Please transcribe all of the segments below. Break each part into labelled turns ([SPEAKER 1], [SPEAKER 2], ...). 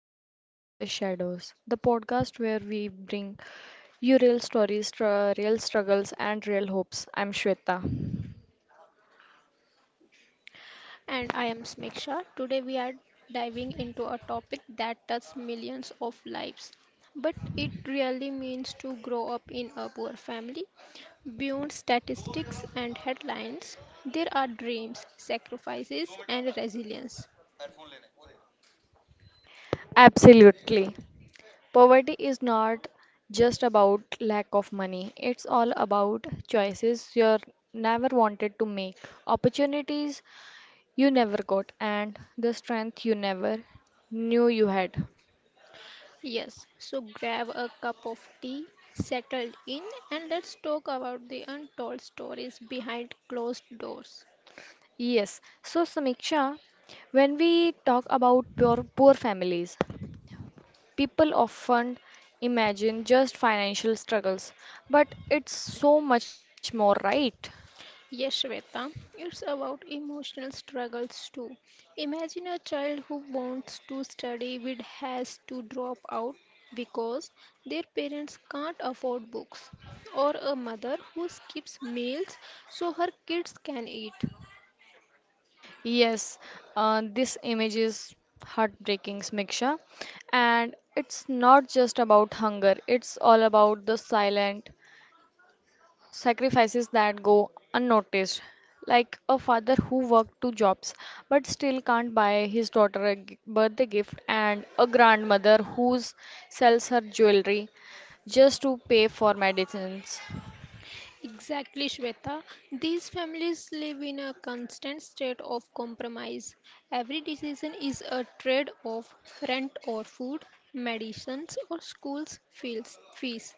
[SPEAKER 1] Voices from the Shadows, the podcast where we bring you real stories, real struggles, and real hopes. I'm Shweta.
[SPEAKER 2] And I am Smiksha. Today we are diving into a topic that touches millions of lives. But it really means to grow up in a poor family. Beyond statistics and headlines, there are dreams, sacrifices, and resilience.
[SPEAKER 1] Absolutely. Poverty is not just about lack of money, it's all about choices you never wanted to make, opportunities you never got, and the strength you never knew you had.
[SPEAKER 2] Yes, so grab a cup of tea, settle in, and let's talk about the untold stories behind closed doors.
[SPEAKER 1] Yes. So, Samiksha, when we talk about poor families, people often imagine just financial struggles, but it's so much more, right?
[SPEAKER 2] Yes, Shweta, it's about emotional struggles too. Imagine a child who wants to study but has to drop out because their parents can't afford books, or a mother who skips meals so her kids can eat.
[SPEAKER 1] Yes, this image is heartbreaking, Smiksha, and it's not just about hunger, it's all about the silent sacrifices that go unnoticed, like a father who worked two jobs but still can't buy his daughter a birthday gift, and a grandmother who sells her jewelry just to pay for medicines.
[SPEAKER 2] Exactly, Shweta. These families live in a constant state of compromise. Every decision is a trade off rent or food, medicines or school's fees.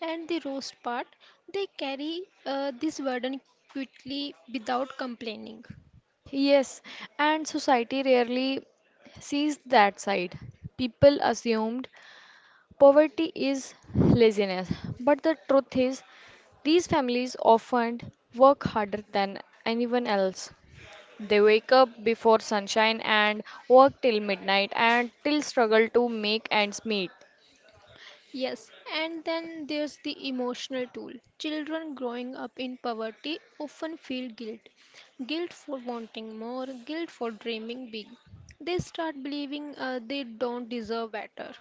[SPEAKER 2] And the roast part, they carry this burden quickly without complaining.
[SPEAKER 1] Yes, and society rarely sees that side. People assumed poverty is laziness, but the truth is, these families often work harder than anyone else. They wake up before sunshine and work till midnight and till struggle to make ends meet.
[SPEAKER 2] Yes, and then there's the emotional toll. Children growing up in poverty often feel guilt for wanting more, guilt for dreaming big. They start believing they don't deserve better.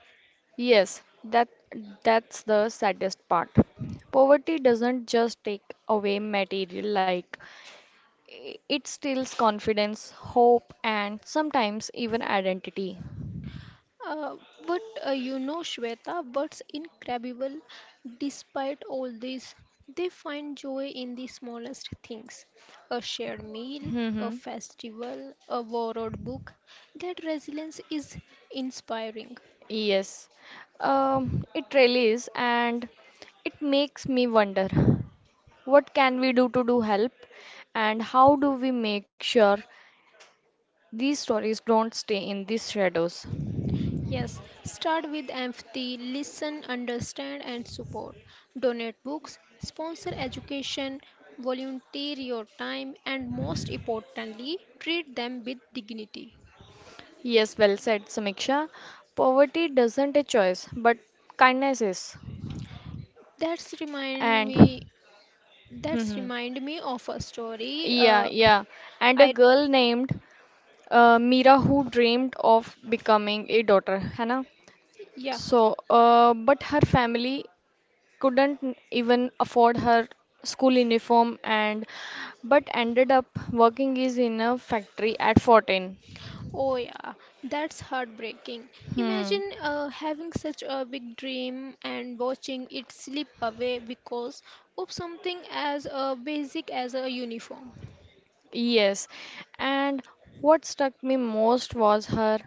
[SPEAKER 1] Yes, that's the saddest part. Poverty doesn't just take away material like it steals confidence, hope and sometimes even identity.
[SPEAKER 2] Uh, but Shweta, what's incredible despite all this, they find joy in the smallest things, a shared meal, a
[SPEAKER 1] Mm-hmm.
[SPEAKER 2] festival, a borrowed book. That resilience is inspiring.
[SPEAKER 1] Yes. It really is, and it makes me wonder what can we do to do help and how do we make sure these stories don't stay in these shadows.
[SPEAKER 2] Yes, start with empathy, listen, understand, and support. Donate books, sponsor education, volunteer your time, and most importantly, treat them with dignity.
[SPEAKER 1] Yes, well said, Samiksha. Poverty doesn't a choice, but kindness is.
[SPEAKER 2] That's remind
[SPEAKER 1] And
[SPEAKER 2] me. That's
[SPEAKER 1] hmm,
[SPEAKER 2] remind me of a story.
[SPEAKER 1] yeah,
[SPEAKER 2] Uh,
[SPEAKER 1] yeah. And a
[SPEAKER 2] I
[SPEAKER 1] girl named Mira who dreamed of becoming a daughter, है ना?
[SPEAKER 2] Yeah.
[SPEAKER 1] So, but her family couldn't even afford her school uniform and but ended up working is in a factory at 14.
[SPEAKER 2] Oh yeah, that's heartbreaking.
[SPEAKER 1] Hmm.
[SPEAKER 2] Imagine having such a big dream and watching it slip away because of something as basic as a uniform.
[SPEAKER 1] Yes, and what struck me most was her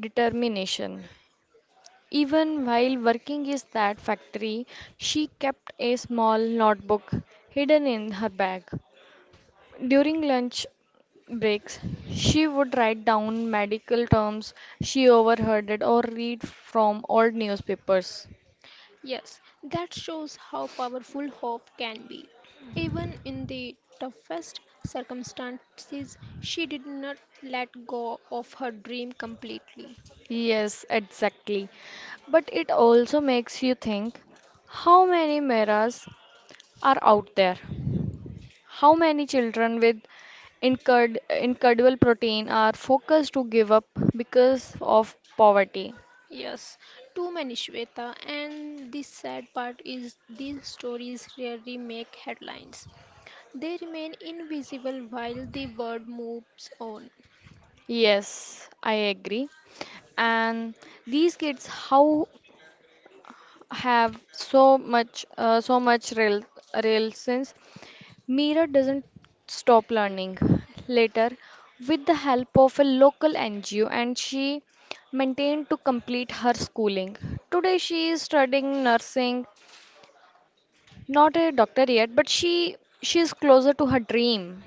[SPEAKER 1] determination. Even while working in that factory, she kept a small notebook hidden in her bag. During lunch breaks, she would write down medical terms she overheard or read from old newspapers.
[SPEAKER 2] Yes, that shows how powerful hope can be. Even in the toughest circumstances, she did not let go of her dream completely.
[SPEAKER 1] Yes, exactly. But it also makes you think how many mirrors are out there? How many children with incurred incurable protein are focused to give up because of poverty?
[SPEAKER 2] Yes, too many Shweta, and the sad part is these stories rarely make headlines. They remain invisible while the world moves on.
[SPEAKER 1] Yes, I agree. And these kids how have so much so much real sense. Mira doesn't stop learning. Later, with the help of a local NGO, and she maintained to complete her schooling. Today, she is studying nursing. Not a doctor yet, but she is closer to her dream.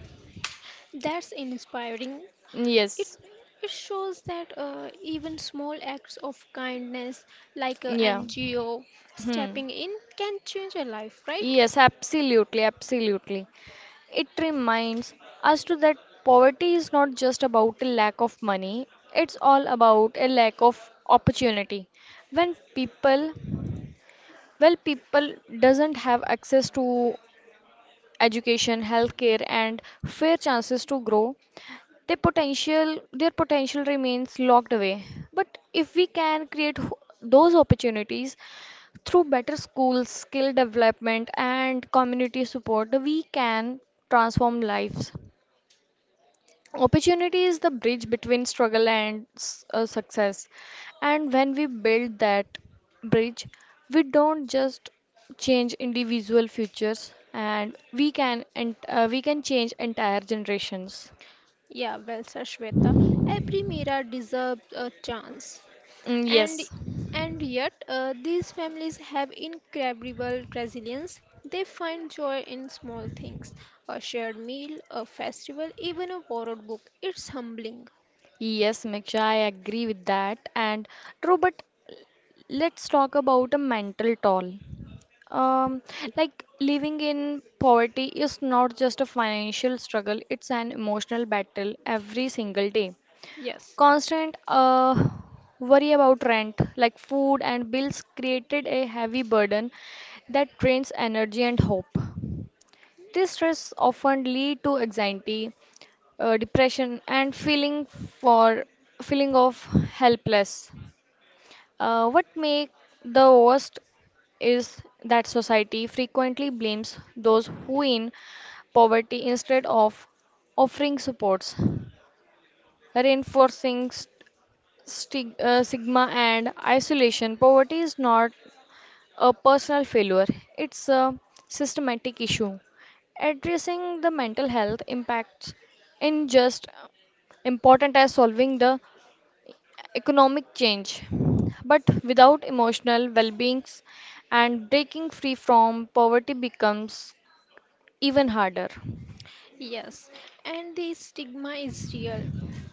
[SPEAKER 2] That's inspiring. It
[SPEAKER 1] Yes.
[SPEAKER 2] it shows that even small acts of kindness, like a
[SPEAKER 1] Yeah.
[SPEAKER 2] NGO
[SPEAKER 1] Hmm.
[SPEAKER 2] stepping in, can change a life, right?
[SPEAKER 1] Yes, absolutely, absolutely. It reminds us to that poverty is not just about a lack of money, it's all about a lack of opportunity. When people, well, people doesn't have access to education, healthcare, and fair chances to grow, their potential remains locked away, but if we can create those opportunities through better schools, skill development and community support, we can transform lives. Opportunity is the bridge between struggle and success, and when we build that bridge, we don't just change individual futures, and we can, and we can change entire generations.
[SPEAKER 2] Yeah, well said, Shweta. Every Mira deserves a chance,
[SPEAKER 1] Mm,
[SPEAKER 2] and
[SPEAKER 1] yes.
[SPEAKER 2] and yet these families have incredible resilience. They find joy in small things, a shared meal, a festival, even a borrowed book. It's humbling.
[SPEAKER 1] Yes, Miksha, I agree with that. And true, but let's talk about a mental toll. Um, like living in poverty is not just a financial struggle, it's an emotional battle every single day.
[SPEAKER 2] Yes.
[SPEAKER 1] Constant worry about rent, like food and bills, created a heavy burden that drains energy and hope. This stress often lead to anxiety, depression and feeling of helpless. What make the worst is that society frequently blames those who in poverty instead of offering supports, reinforcing stigma and isolation. Poverty is not a personal failure, it's a systematic issue. Addressing the mental health impacts in just important as solving the economic change. But without emotional well being and breaking free from poverty becomes even harder.
[SPEAKER 2] Yes, and the stigma is real.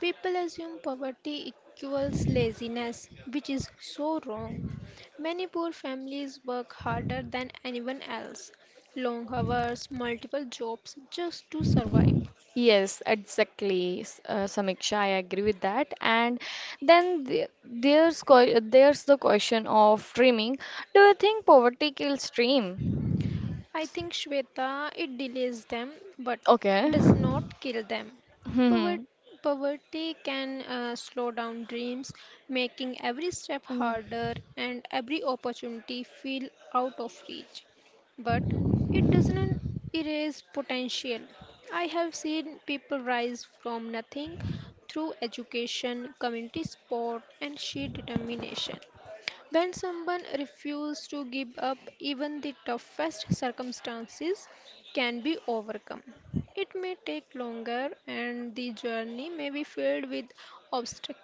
[SPEAKER 2] People assume poverty equals laziness, which is so wrong. Many poor families work harder than anyone else, long hours, multiple jobs just to survive.
[SPEAKER 1] Yes, exactly, Samiksha. I agree with that. And then there's there's the question of dreaming. Do you think poverty kills dream?
[SPEAKER 2] I think Shweta, it delays them but
[SPEAKER 1] Okay.
[SPEAKER 2] does not kill them.
[SPEAKER 1] Mm-hmm.
[SPEAKER 2] Pover- Poverty can slow down dreams, making every step
[SPEAKER 1] Mm.
[SPEAKER 2] harder and every opportunity feel out of reach. But it doesn't erase potential. I have seen people rise from nothing through education, community support, and sheer determination. When someone refuses to give up, even the toughest circumstances can be overcome. It may take longer and the journey may be filled with obstacles,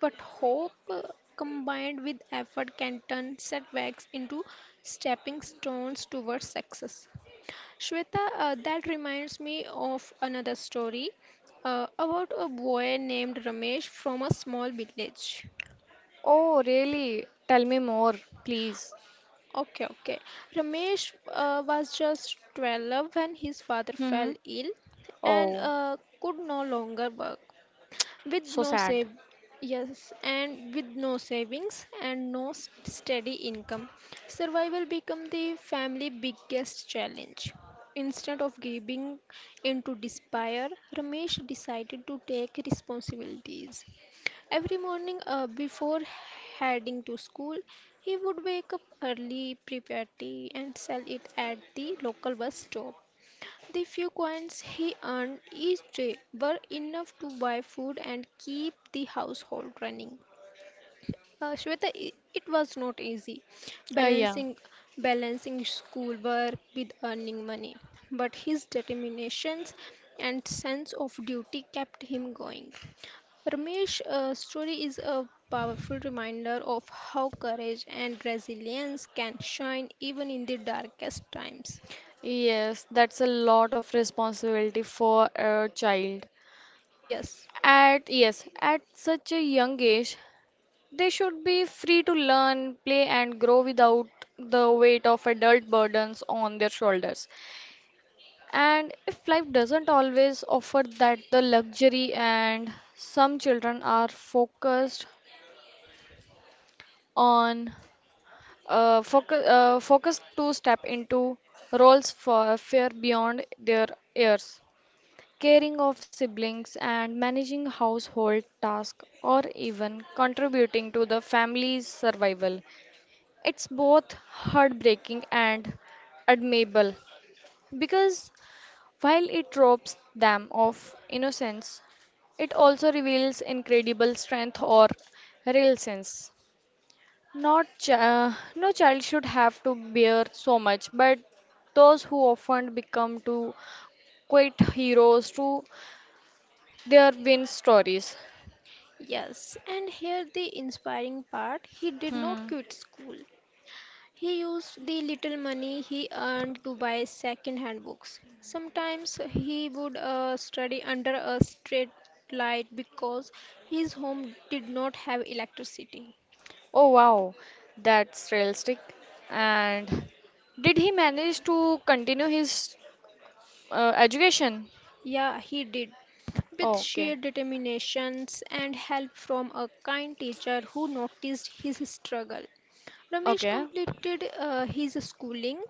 [SPEAKER 2] but hope combined with effort can turn setbacks into stepping stones towards success. Shweta, that reminds me of another story about a boy named Ramesh from a small village.
[SPEAKER 1] Oh, really? Tell me more, please.
[SPEAKER 2] Okay, okay. Ramesh was just 12 when his father fell
[SPEAKER 1] Mm-hmm.
[SPEAKER 2] ill and
[SPEAKER 1] Oh,
[SPEAKER 2] could no longer work. With
[SPEAKER 1] so
[SPEAKER 2] no
[SPEAKER 1] sad.
[SPEAKER 2] save Yes, and with no savings and no s- steady income, survival become the family biggest challenge. Instead of giving into despair, Ramesh decided to take responsibilities. Every morning before heading to school, he would wake up early, prepare tea, and sell it at the local bus stop. The few coins he earned each day were enough to buy food and keep the household running. Shweta, it was not easy
[SPEAKER 1] Yeah.
[SPEAKER 2] balancing balancing schoolwork with earning money, but his determination and sense of duty kept him going. Ramesh's story is a powerful reminder of how courage and resilience can shine even in the darkest times.
[SPEAKER 1] Yes, that's a lot of responsibility for a child.
[SPEAKER 2] Yes.
[SPEAKER 1] At yes, at such a young age, they should be free to learn, play, and grow without the weight of adult burdens on their shoulders. And if life doesn't always offer that the luxury, and some children are focused on focused to step into roles for fear beyond their years, caring of siblings and managing household tasks, or even contributing to the family's survival. It's both heartbreaking and admirable because while it robs them of innocence, it also reveals incredible strength or real sense. Not chi- No child should have to bear so much, but those who often become too quite heroes to their win stories.
[SPEAKER 2] Yes, and here the inspiring part he did not
[SPEAKER 1] Hmm.
[SPEAKER 2] quit school. He used the little money he earned to buy second hand books. Sometimes he would study under a street light because his home did not have electricity.
[SPEAKER 1] Oh wow, that's realistic. And did he manage to continue his education?
[SPEAKER 2] Yeah, he did. With
[SPEAKER 1] Oh, okay.
[SPEAKER 2] sheer determinations and help from a kind teacher who noticed his struggle. Ramesh
[SPEAKER 1] Okay.
[SPEAKER 2] completed his schooling.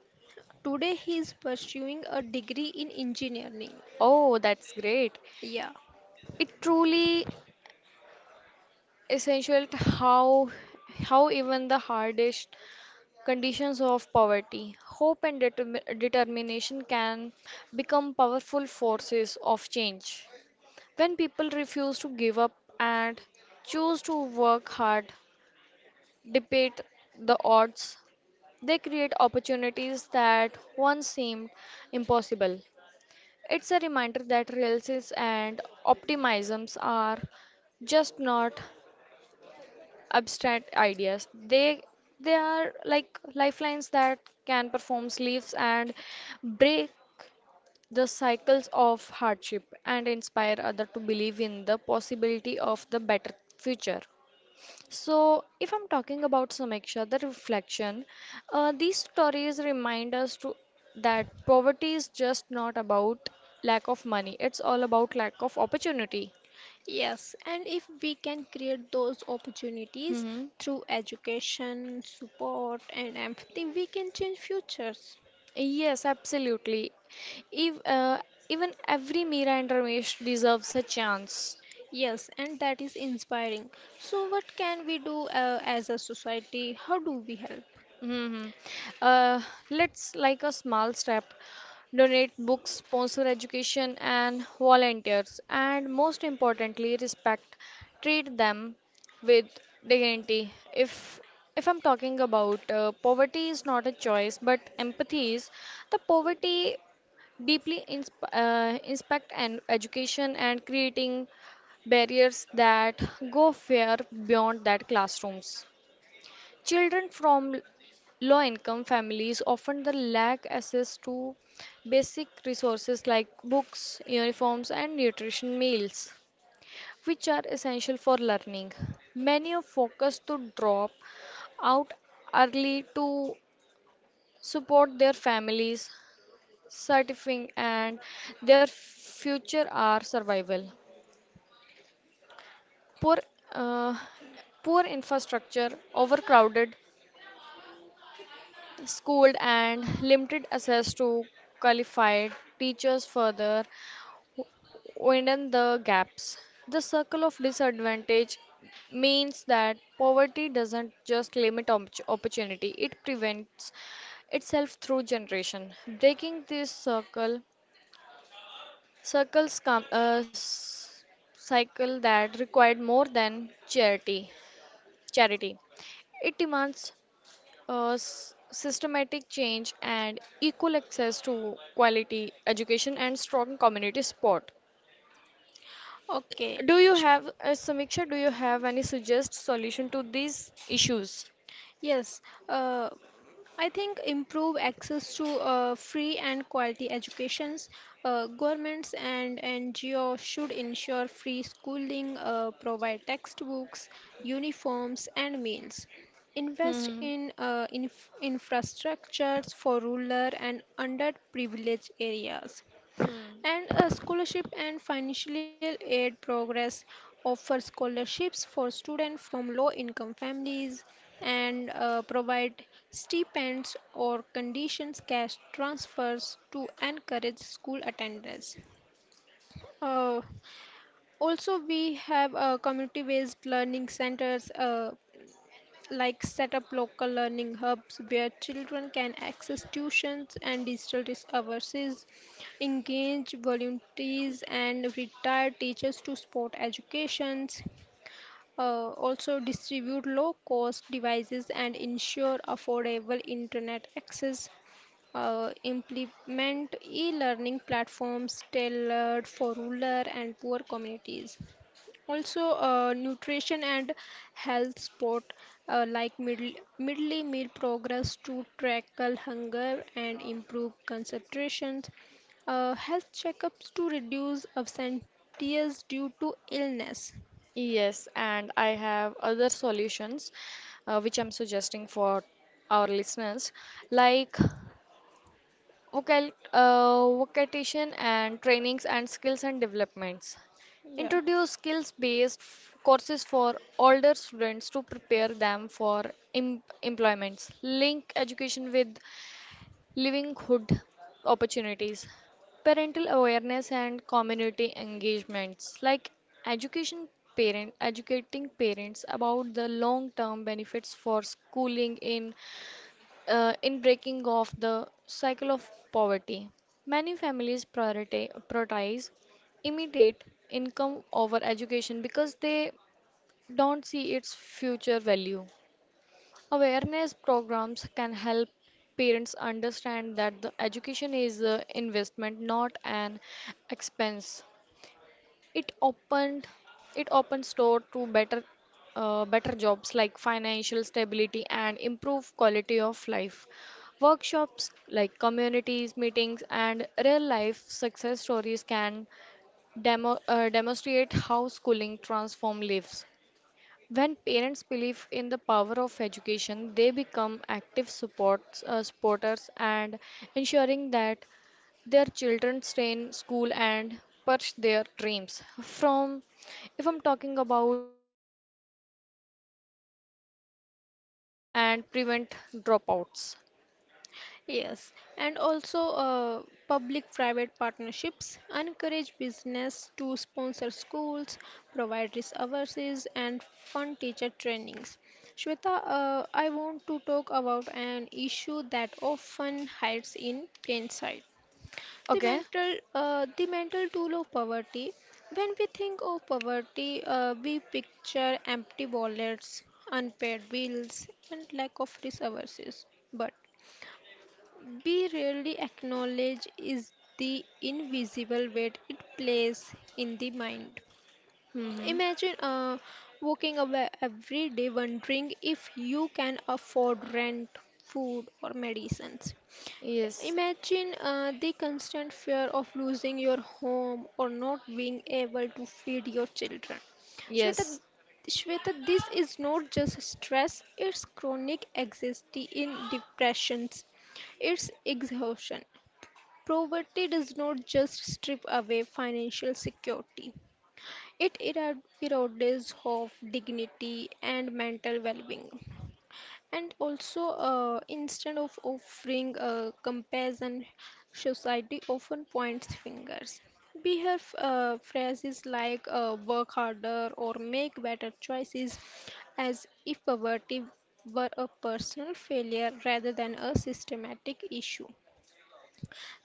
[SPEAKER 2] Today he is pursuing a degree in engineering.
[SPEAKER 1] Oh, that's great.
[SPEAKER 2] Yeah,
[SPEAKER 1] It truly essential to how even the hardest conditions of poverty, hope and determination can become powerful forces of change. When people refuse to give up and choose to work hard, debate the odds, they create opportunities that once seemed impossible. It's a reminder that realities and optimisms are just not abstract ideas. They are like lifelines that can perform sleeves and break the cycles of hardship and inspire others to believe in the possibility of the better future. So, if I'm talking about Samiksha, the reflection, these stories remind us to that poverty is just not about lack of money; it's all about lack of opportunity.
[SPEAKER 2] yes. And if we can create those opportunities
[SPEAKER 1] Hmm.
[SPEAKER 2] through education, support, and empathy, we can change futures.
[SPEAKER 1] Yes, absolutely. If, even every Meera and Ramesh deserves a chance.
[SPEAKER 2] Yes, and that is inspiring. So, what can we do as a society? How do we help?
[SPEAKER 1] Hmm. Uh, let's like a small step, donate books, sponsor education and volunteers, and most importantly, respect. Treat them with dignity. If I'm talking about poverty is not a choice, but empathy is the poverty deeply inspect and education and creating barriers that go far beyond that classrooms. Children from low income families often the lack access to basic resources like books, uniforms and nutrition meals which are essential for learning. Many are focused to drop out early to support their families certifying and their future are survival. Poor, uh, poor infrastructure, overcrowded schooled and limited access to qualified teachers further widen the gaps. The circle of disadvantage means that poverty doesn't just limit opportunity, it prevents itself through generation. Breaking this circle Circles come a s- cycle that required more than charity. Charity. It demands a systematic change and equal access to quality education and strong community support.
[SPEAKER 2] Okay.
[SPEAKER 1] Do you
[SPEAKER 2] Sh-
[SPEAKER 1] have, Samiksha, do you have any suggest solution to these issues?
[SPEAKER 2] Yes, uh, I think improve access to free and quality educations. Governments and NGOs should ensure free schooling, provide textbooks, uniforms, and meals. Invest
[SPEAKER 1] Hmm.
[SPEAKER 2] in infrastructures for rural and underprivileged areas,
[SPEAKER 1] Hmm.
[SPEAKER 2] and a scholarship and financial aid progress offer scholarships for students from low income families and provide stipends or conditions cash transfers to encourage school attendance. uh, Also we have community based learning centers, like set up local learning hubs where children can access tuitions and digital resources, engage volunteers and retired teachers to support educations, also distribute low cost devices and ensure affordable internet access. Implement e-learning platforms tailored for rural and poor communities. Also, nutrition and health support, like midday meal progress to tackle hunger and improve concentration. Health checkups to reduce absenteeism due to illness.
[SPEAKER 1] Yes, and I have other solutions which I'm suggesting for our listeners. Like vocation and trainings and skills and developments.
[SPEAKER 2] Yeah.
[SPEAKER 1] Introduce skills based courses for older students to prepare them for employments. Link education with livelihood opportunities. Parental awareness and community engagements like education parent educating parents about the long term benefits for schooling in breaking off the cycle of poverty. Many families prioritize immediate income over education because they don't see its future value. Awareness programs can help parents understand that the education is an investment, not an expense. It opened it opens door to better better jobs like financial stability and improve quality of life. Workshops like communities, meetings, and real life success stories can demonstrate how schooling transforms lives. When parents believe in the power of education, they become active supports, supporters and ensuring that their children stay in school and pursue their dreams. From, if I'm talking about from community groups to monitor attendance and prevent dropouts.
[SPEAKER 2] Yes, and also public private partnerships encourage business to sponsor schools, provide resources, and fund teacher trainings. Shweta, I want to talk about an issue that often hides in plain sight. The
[SPEAKER 1] Okay.
[SPEAKER 2] mental, uh, the mental tool of poverty. When we think of poverty, we picture empty wallets, unpaid bills, and lack of resources. But we rarely acknowledge is the invisible weight it plays in the mind.
[SPEAKER 1] Mm-hmm.
[SPEAKER 2] Imagine walking away every day wondering if you can afford rent, food, or medicines.
[SPEAKER 1] Yes.
[SPEAKER 2] Imagine the constant fear of losing your home or not being able to feed your children.
[SPEAKER 1] Yes.
[SPEAKER 2] Shweta, Shweta, this is not just stress, it's chronic anxiety in depressions. It's exhaustion. Poverty does not just strip away financial security. It erodes hope, dignity, and mental well-being. And also, instead of offering a comparison, society often points fingers. We have phrases like work harder or make better choices, as if poverty were a personal failure rather than a systematic issue.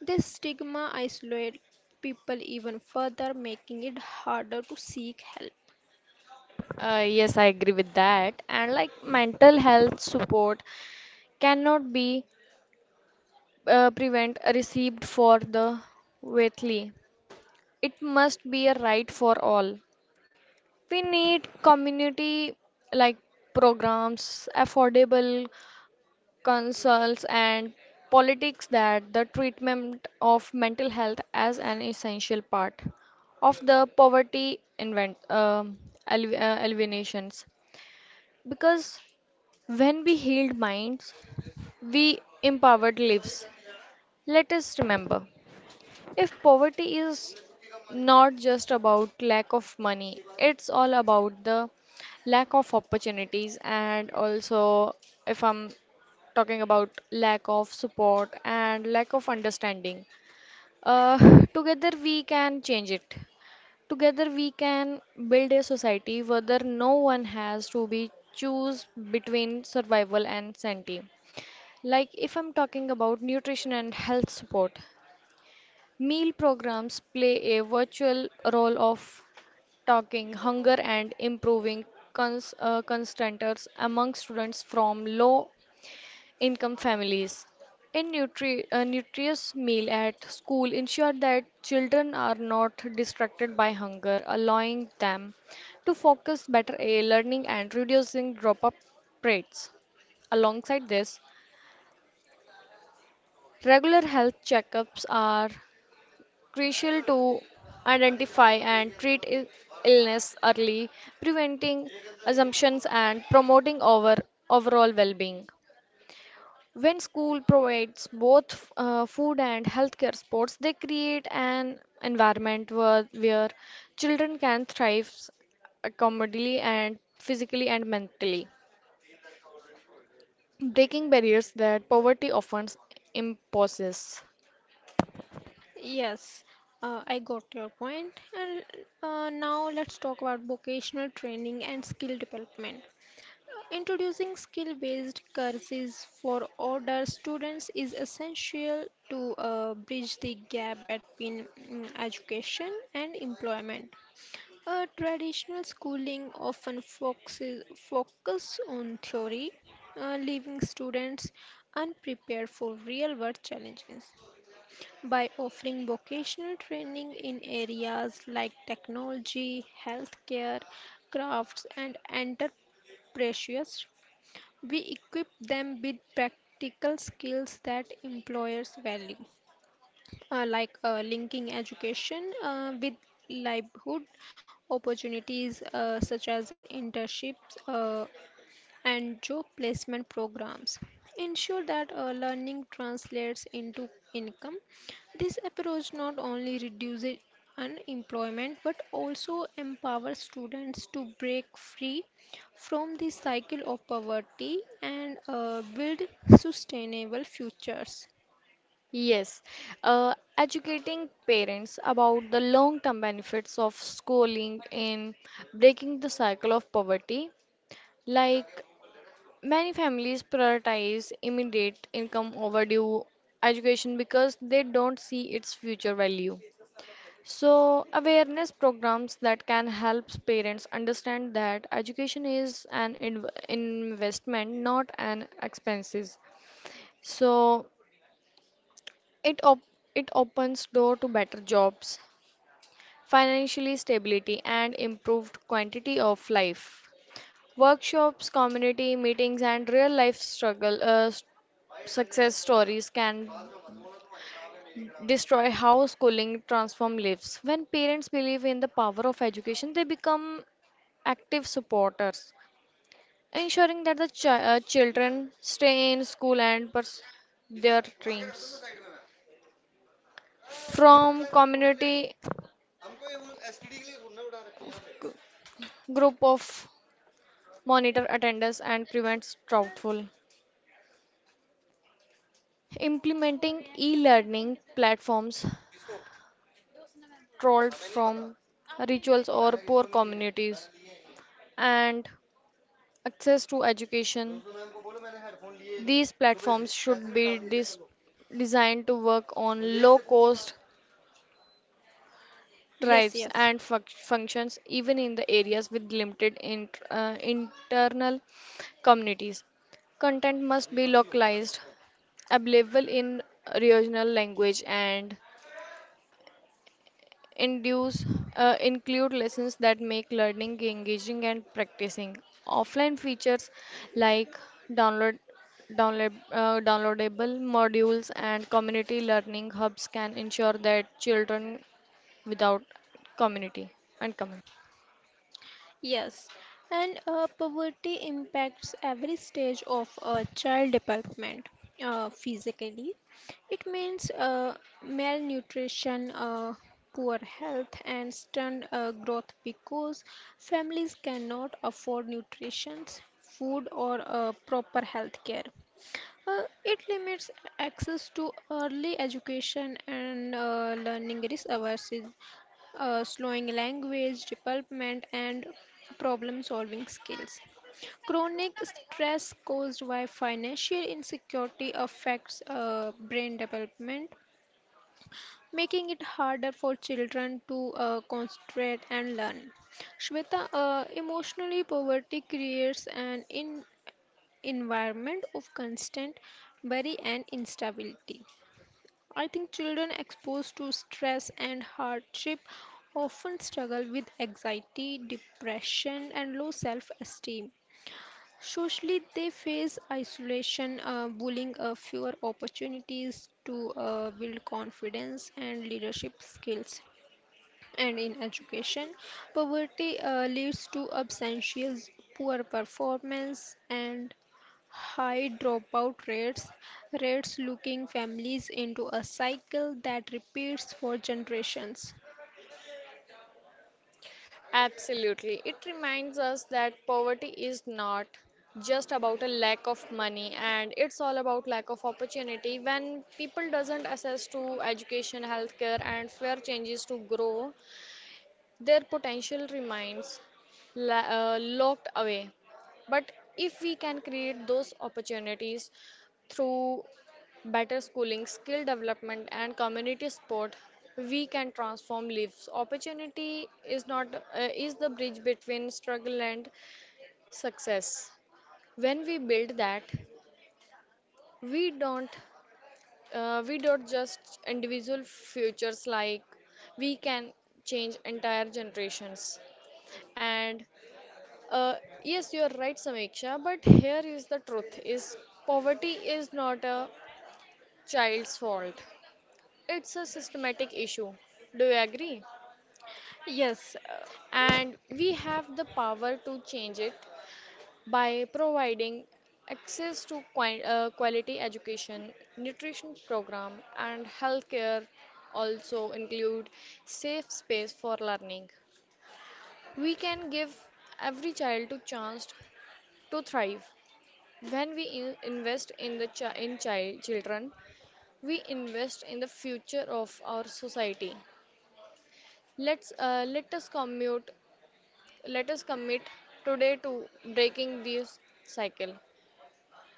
[SPEAKER 2] This stigma isolates people even further, making it harder to seek help.
[SPEAKER 1] Yes, I agree with that. And like mental health support cannot be prevent received for the wealthy. It must be a right for all. We need community like programs, affordable consults, and politics that the treatment of mental health as an essential part of the poverty invent eliminations. Because when we healed minds, we empowered lives. Let us remember. If poverty is not just about lack of money, it's all about the lack of opportunities and also if I'm talking about lack of support and lack of understanding. Together we can change it. Together we can build a society where no one has to be choose between survival and sanity. Like if I'm talking about nutrition and health support, meal programs play a virtual role of talking hunger and improving constanters among students from low income families. A nutritious meal at school ensure that children are not distracted by hunger, allowing them to focus better on learning and reducing drop-up rates. Alongside this, regular health checkups are crucial to identify and treat illness early, preventing assumptions and promoting our overall well-being. When school provides both food and healthcare supports, they create an environment where children can thrive accommodably and physically and mentally, breaking barriers that poverty often imposes.
[SPEAKER 2] Yes, I got your point. And now let's talk about vocational training and skill development. Introducing skill based courses for older students is essential to bridge the gap between education and employment. Traditional schooling often focus on theory, leaving students unprepared for real world challenges by offering vocational training in areas like technology, healthcare, crafts, and entrepreneurship. We equip them with practical skills that employers value, linking education with livelihood opportunities, such as internships. And job placement programs ensure that learning translates into income. This approach not only reduces unemployment but also empowers students to break free from the cycle of poverty and build sustainable futures.
[SPEAKER 1] Yes, educating parents about the long-term benefits of schooling in breaking the cycle of poverty. Like many families prioritize immediate income over due education because they don't see its future value. So, awareness programs that can help parents understand that education is an investment, not an expenses. So, It op it opens door to better jobs, financially stability and improved quantity of life. Workshops, community meetings and real life success stories can destroy how schooling transform lives. When parents believe in the power of education, they become active supporters, ensuring that children stay in school and pursue their dreams. From community group of monitor attendance and prevents fraudful. Implementing e-learning platforms trolled from rituals or poor communities and access to education. These platforms should be designed to work on low cost
[SPEAKER 2] Yes,
[SPEAKER 1] thrives
[SPEAKER 2] yes.
[SPEAKER 1] and functions even in the areas with limited internal communities. Content must be localized, available in regional language, and induce, include lessons that make learning engaging and practicing. Offline features like download downloadable modules and community learning hubs can ensure that children without community and community.
[SPEAKER 2] Yes, and poverty impacts every stage of a child development, physically. It means malnutrition, poor health, and stunted growth because families cannot afford nutrition, food, or proper health care. It limits access to early education and learning resources, slowing language development, and problem solving skills. Chronic stress caused by financial insecurity affects brain development, making it harder for children to concentrate and learn. Shweta, emotionally poverty creates environment of constant worry and instability. I think children exposed to stress and hardship often struggle with anxiety, depression, and low self esteem. Socially, they face isolation, bullying, fewer opportunities to build confidence and leadership skills. And in education, poverty leads to absences, poor performance, and high rates looking families into a cycle that repeats for generations.
[SPEAKER 1] Absolutely. It reminds us that poverty is not just about a lack of money and it's all about lack of opportunity when people doesn't access to education, healthcare and fair changes to grow their potential remains la- locked away. But if we can create those opportunities through better schooling, skill development, and community support, we can transform lives. Opportunity is not is the bridge between struggle and success. When we build that, we don't we don't just individual futures. Like we can change entire generations and Uh, yes, you are right, Samiksha, but here is the truth is poverty is not a child's fault. It's a systematic issue. Do you agree?
[SPEAKER 2] Yes, uh,
[SPEAKER 1] And we have the power to change it by providing access to quality education, nutrition program and healthcare also include safe space for learning. We can give every child a chance to thrive. When we invest in the chi- in child children, we invest in the future of our society. Let's uh, let us commute, let us commit today to breaking this cycle,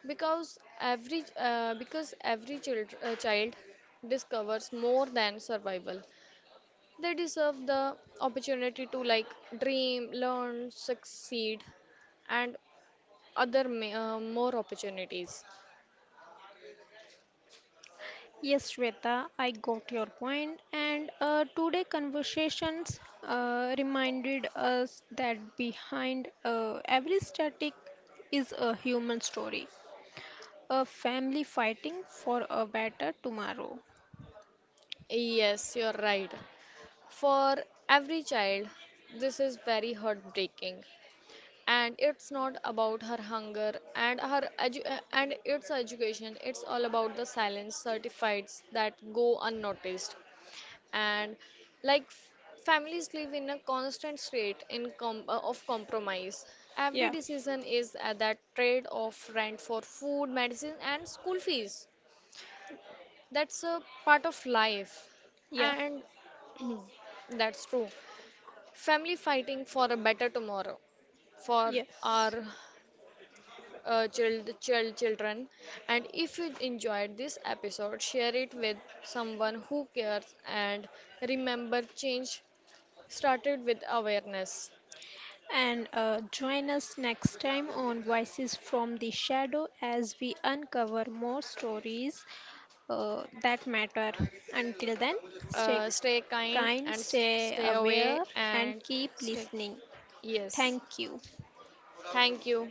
[SPEAKER 1] because every child discovers more than survival. They deserve the opportunity to like dream, learn, succeed, and more opportunities.
[SPEAKER 2] yes, Shweta, I got your point. And today conversations reminded us that behind every static is a human story, a family fighting for a better tomorrow.
[SPEAKER 1] Yes, you're right. For every child, this is very heartbreaking. And it's not about her hunger and its education. It's all about the silence certificates that go unnoticed. And like f- families live in a constant state of compromise. Every
[SPEAKER 2] Yeah,
[SPEAKER 1] decision is at that trade off rent for food, medicine, and school fees. That's a part of life,
[SPEAKER 2] yeah,
[SPEAKER 1] and that's true. Family fighting for a better tomorrow for
[SPEAKER 2] yes.
[SPEAKER 1] our children. And if you enjoyed this episode, share it with someone who cares, and remember change started with awareness.
[SPEAKER 2] And join us next time on Voices from the Shadow as we uncover more stories that matter. Until then, stay
[SPEAKER 1] Stay kind
[SPEAKER 2] kind,
[SPEAKER 1] and
[SPEAKER 2] stay
[SPEAKER 1] stay away
[SPEAKER 2] aware, and
[SPEAKER 1] and
[SPEAKER 2] keep
[SPEAKER 1] stay.
[SPEAKER 2] listening.
[SPEAKER 1] Yes,
[SPEAKER 2] Thank you.
[SPEAKER 1] thank you.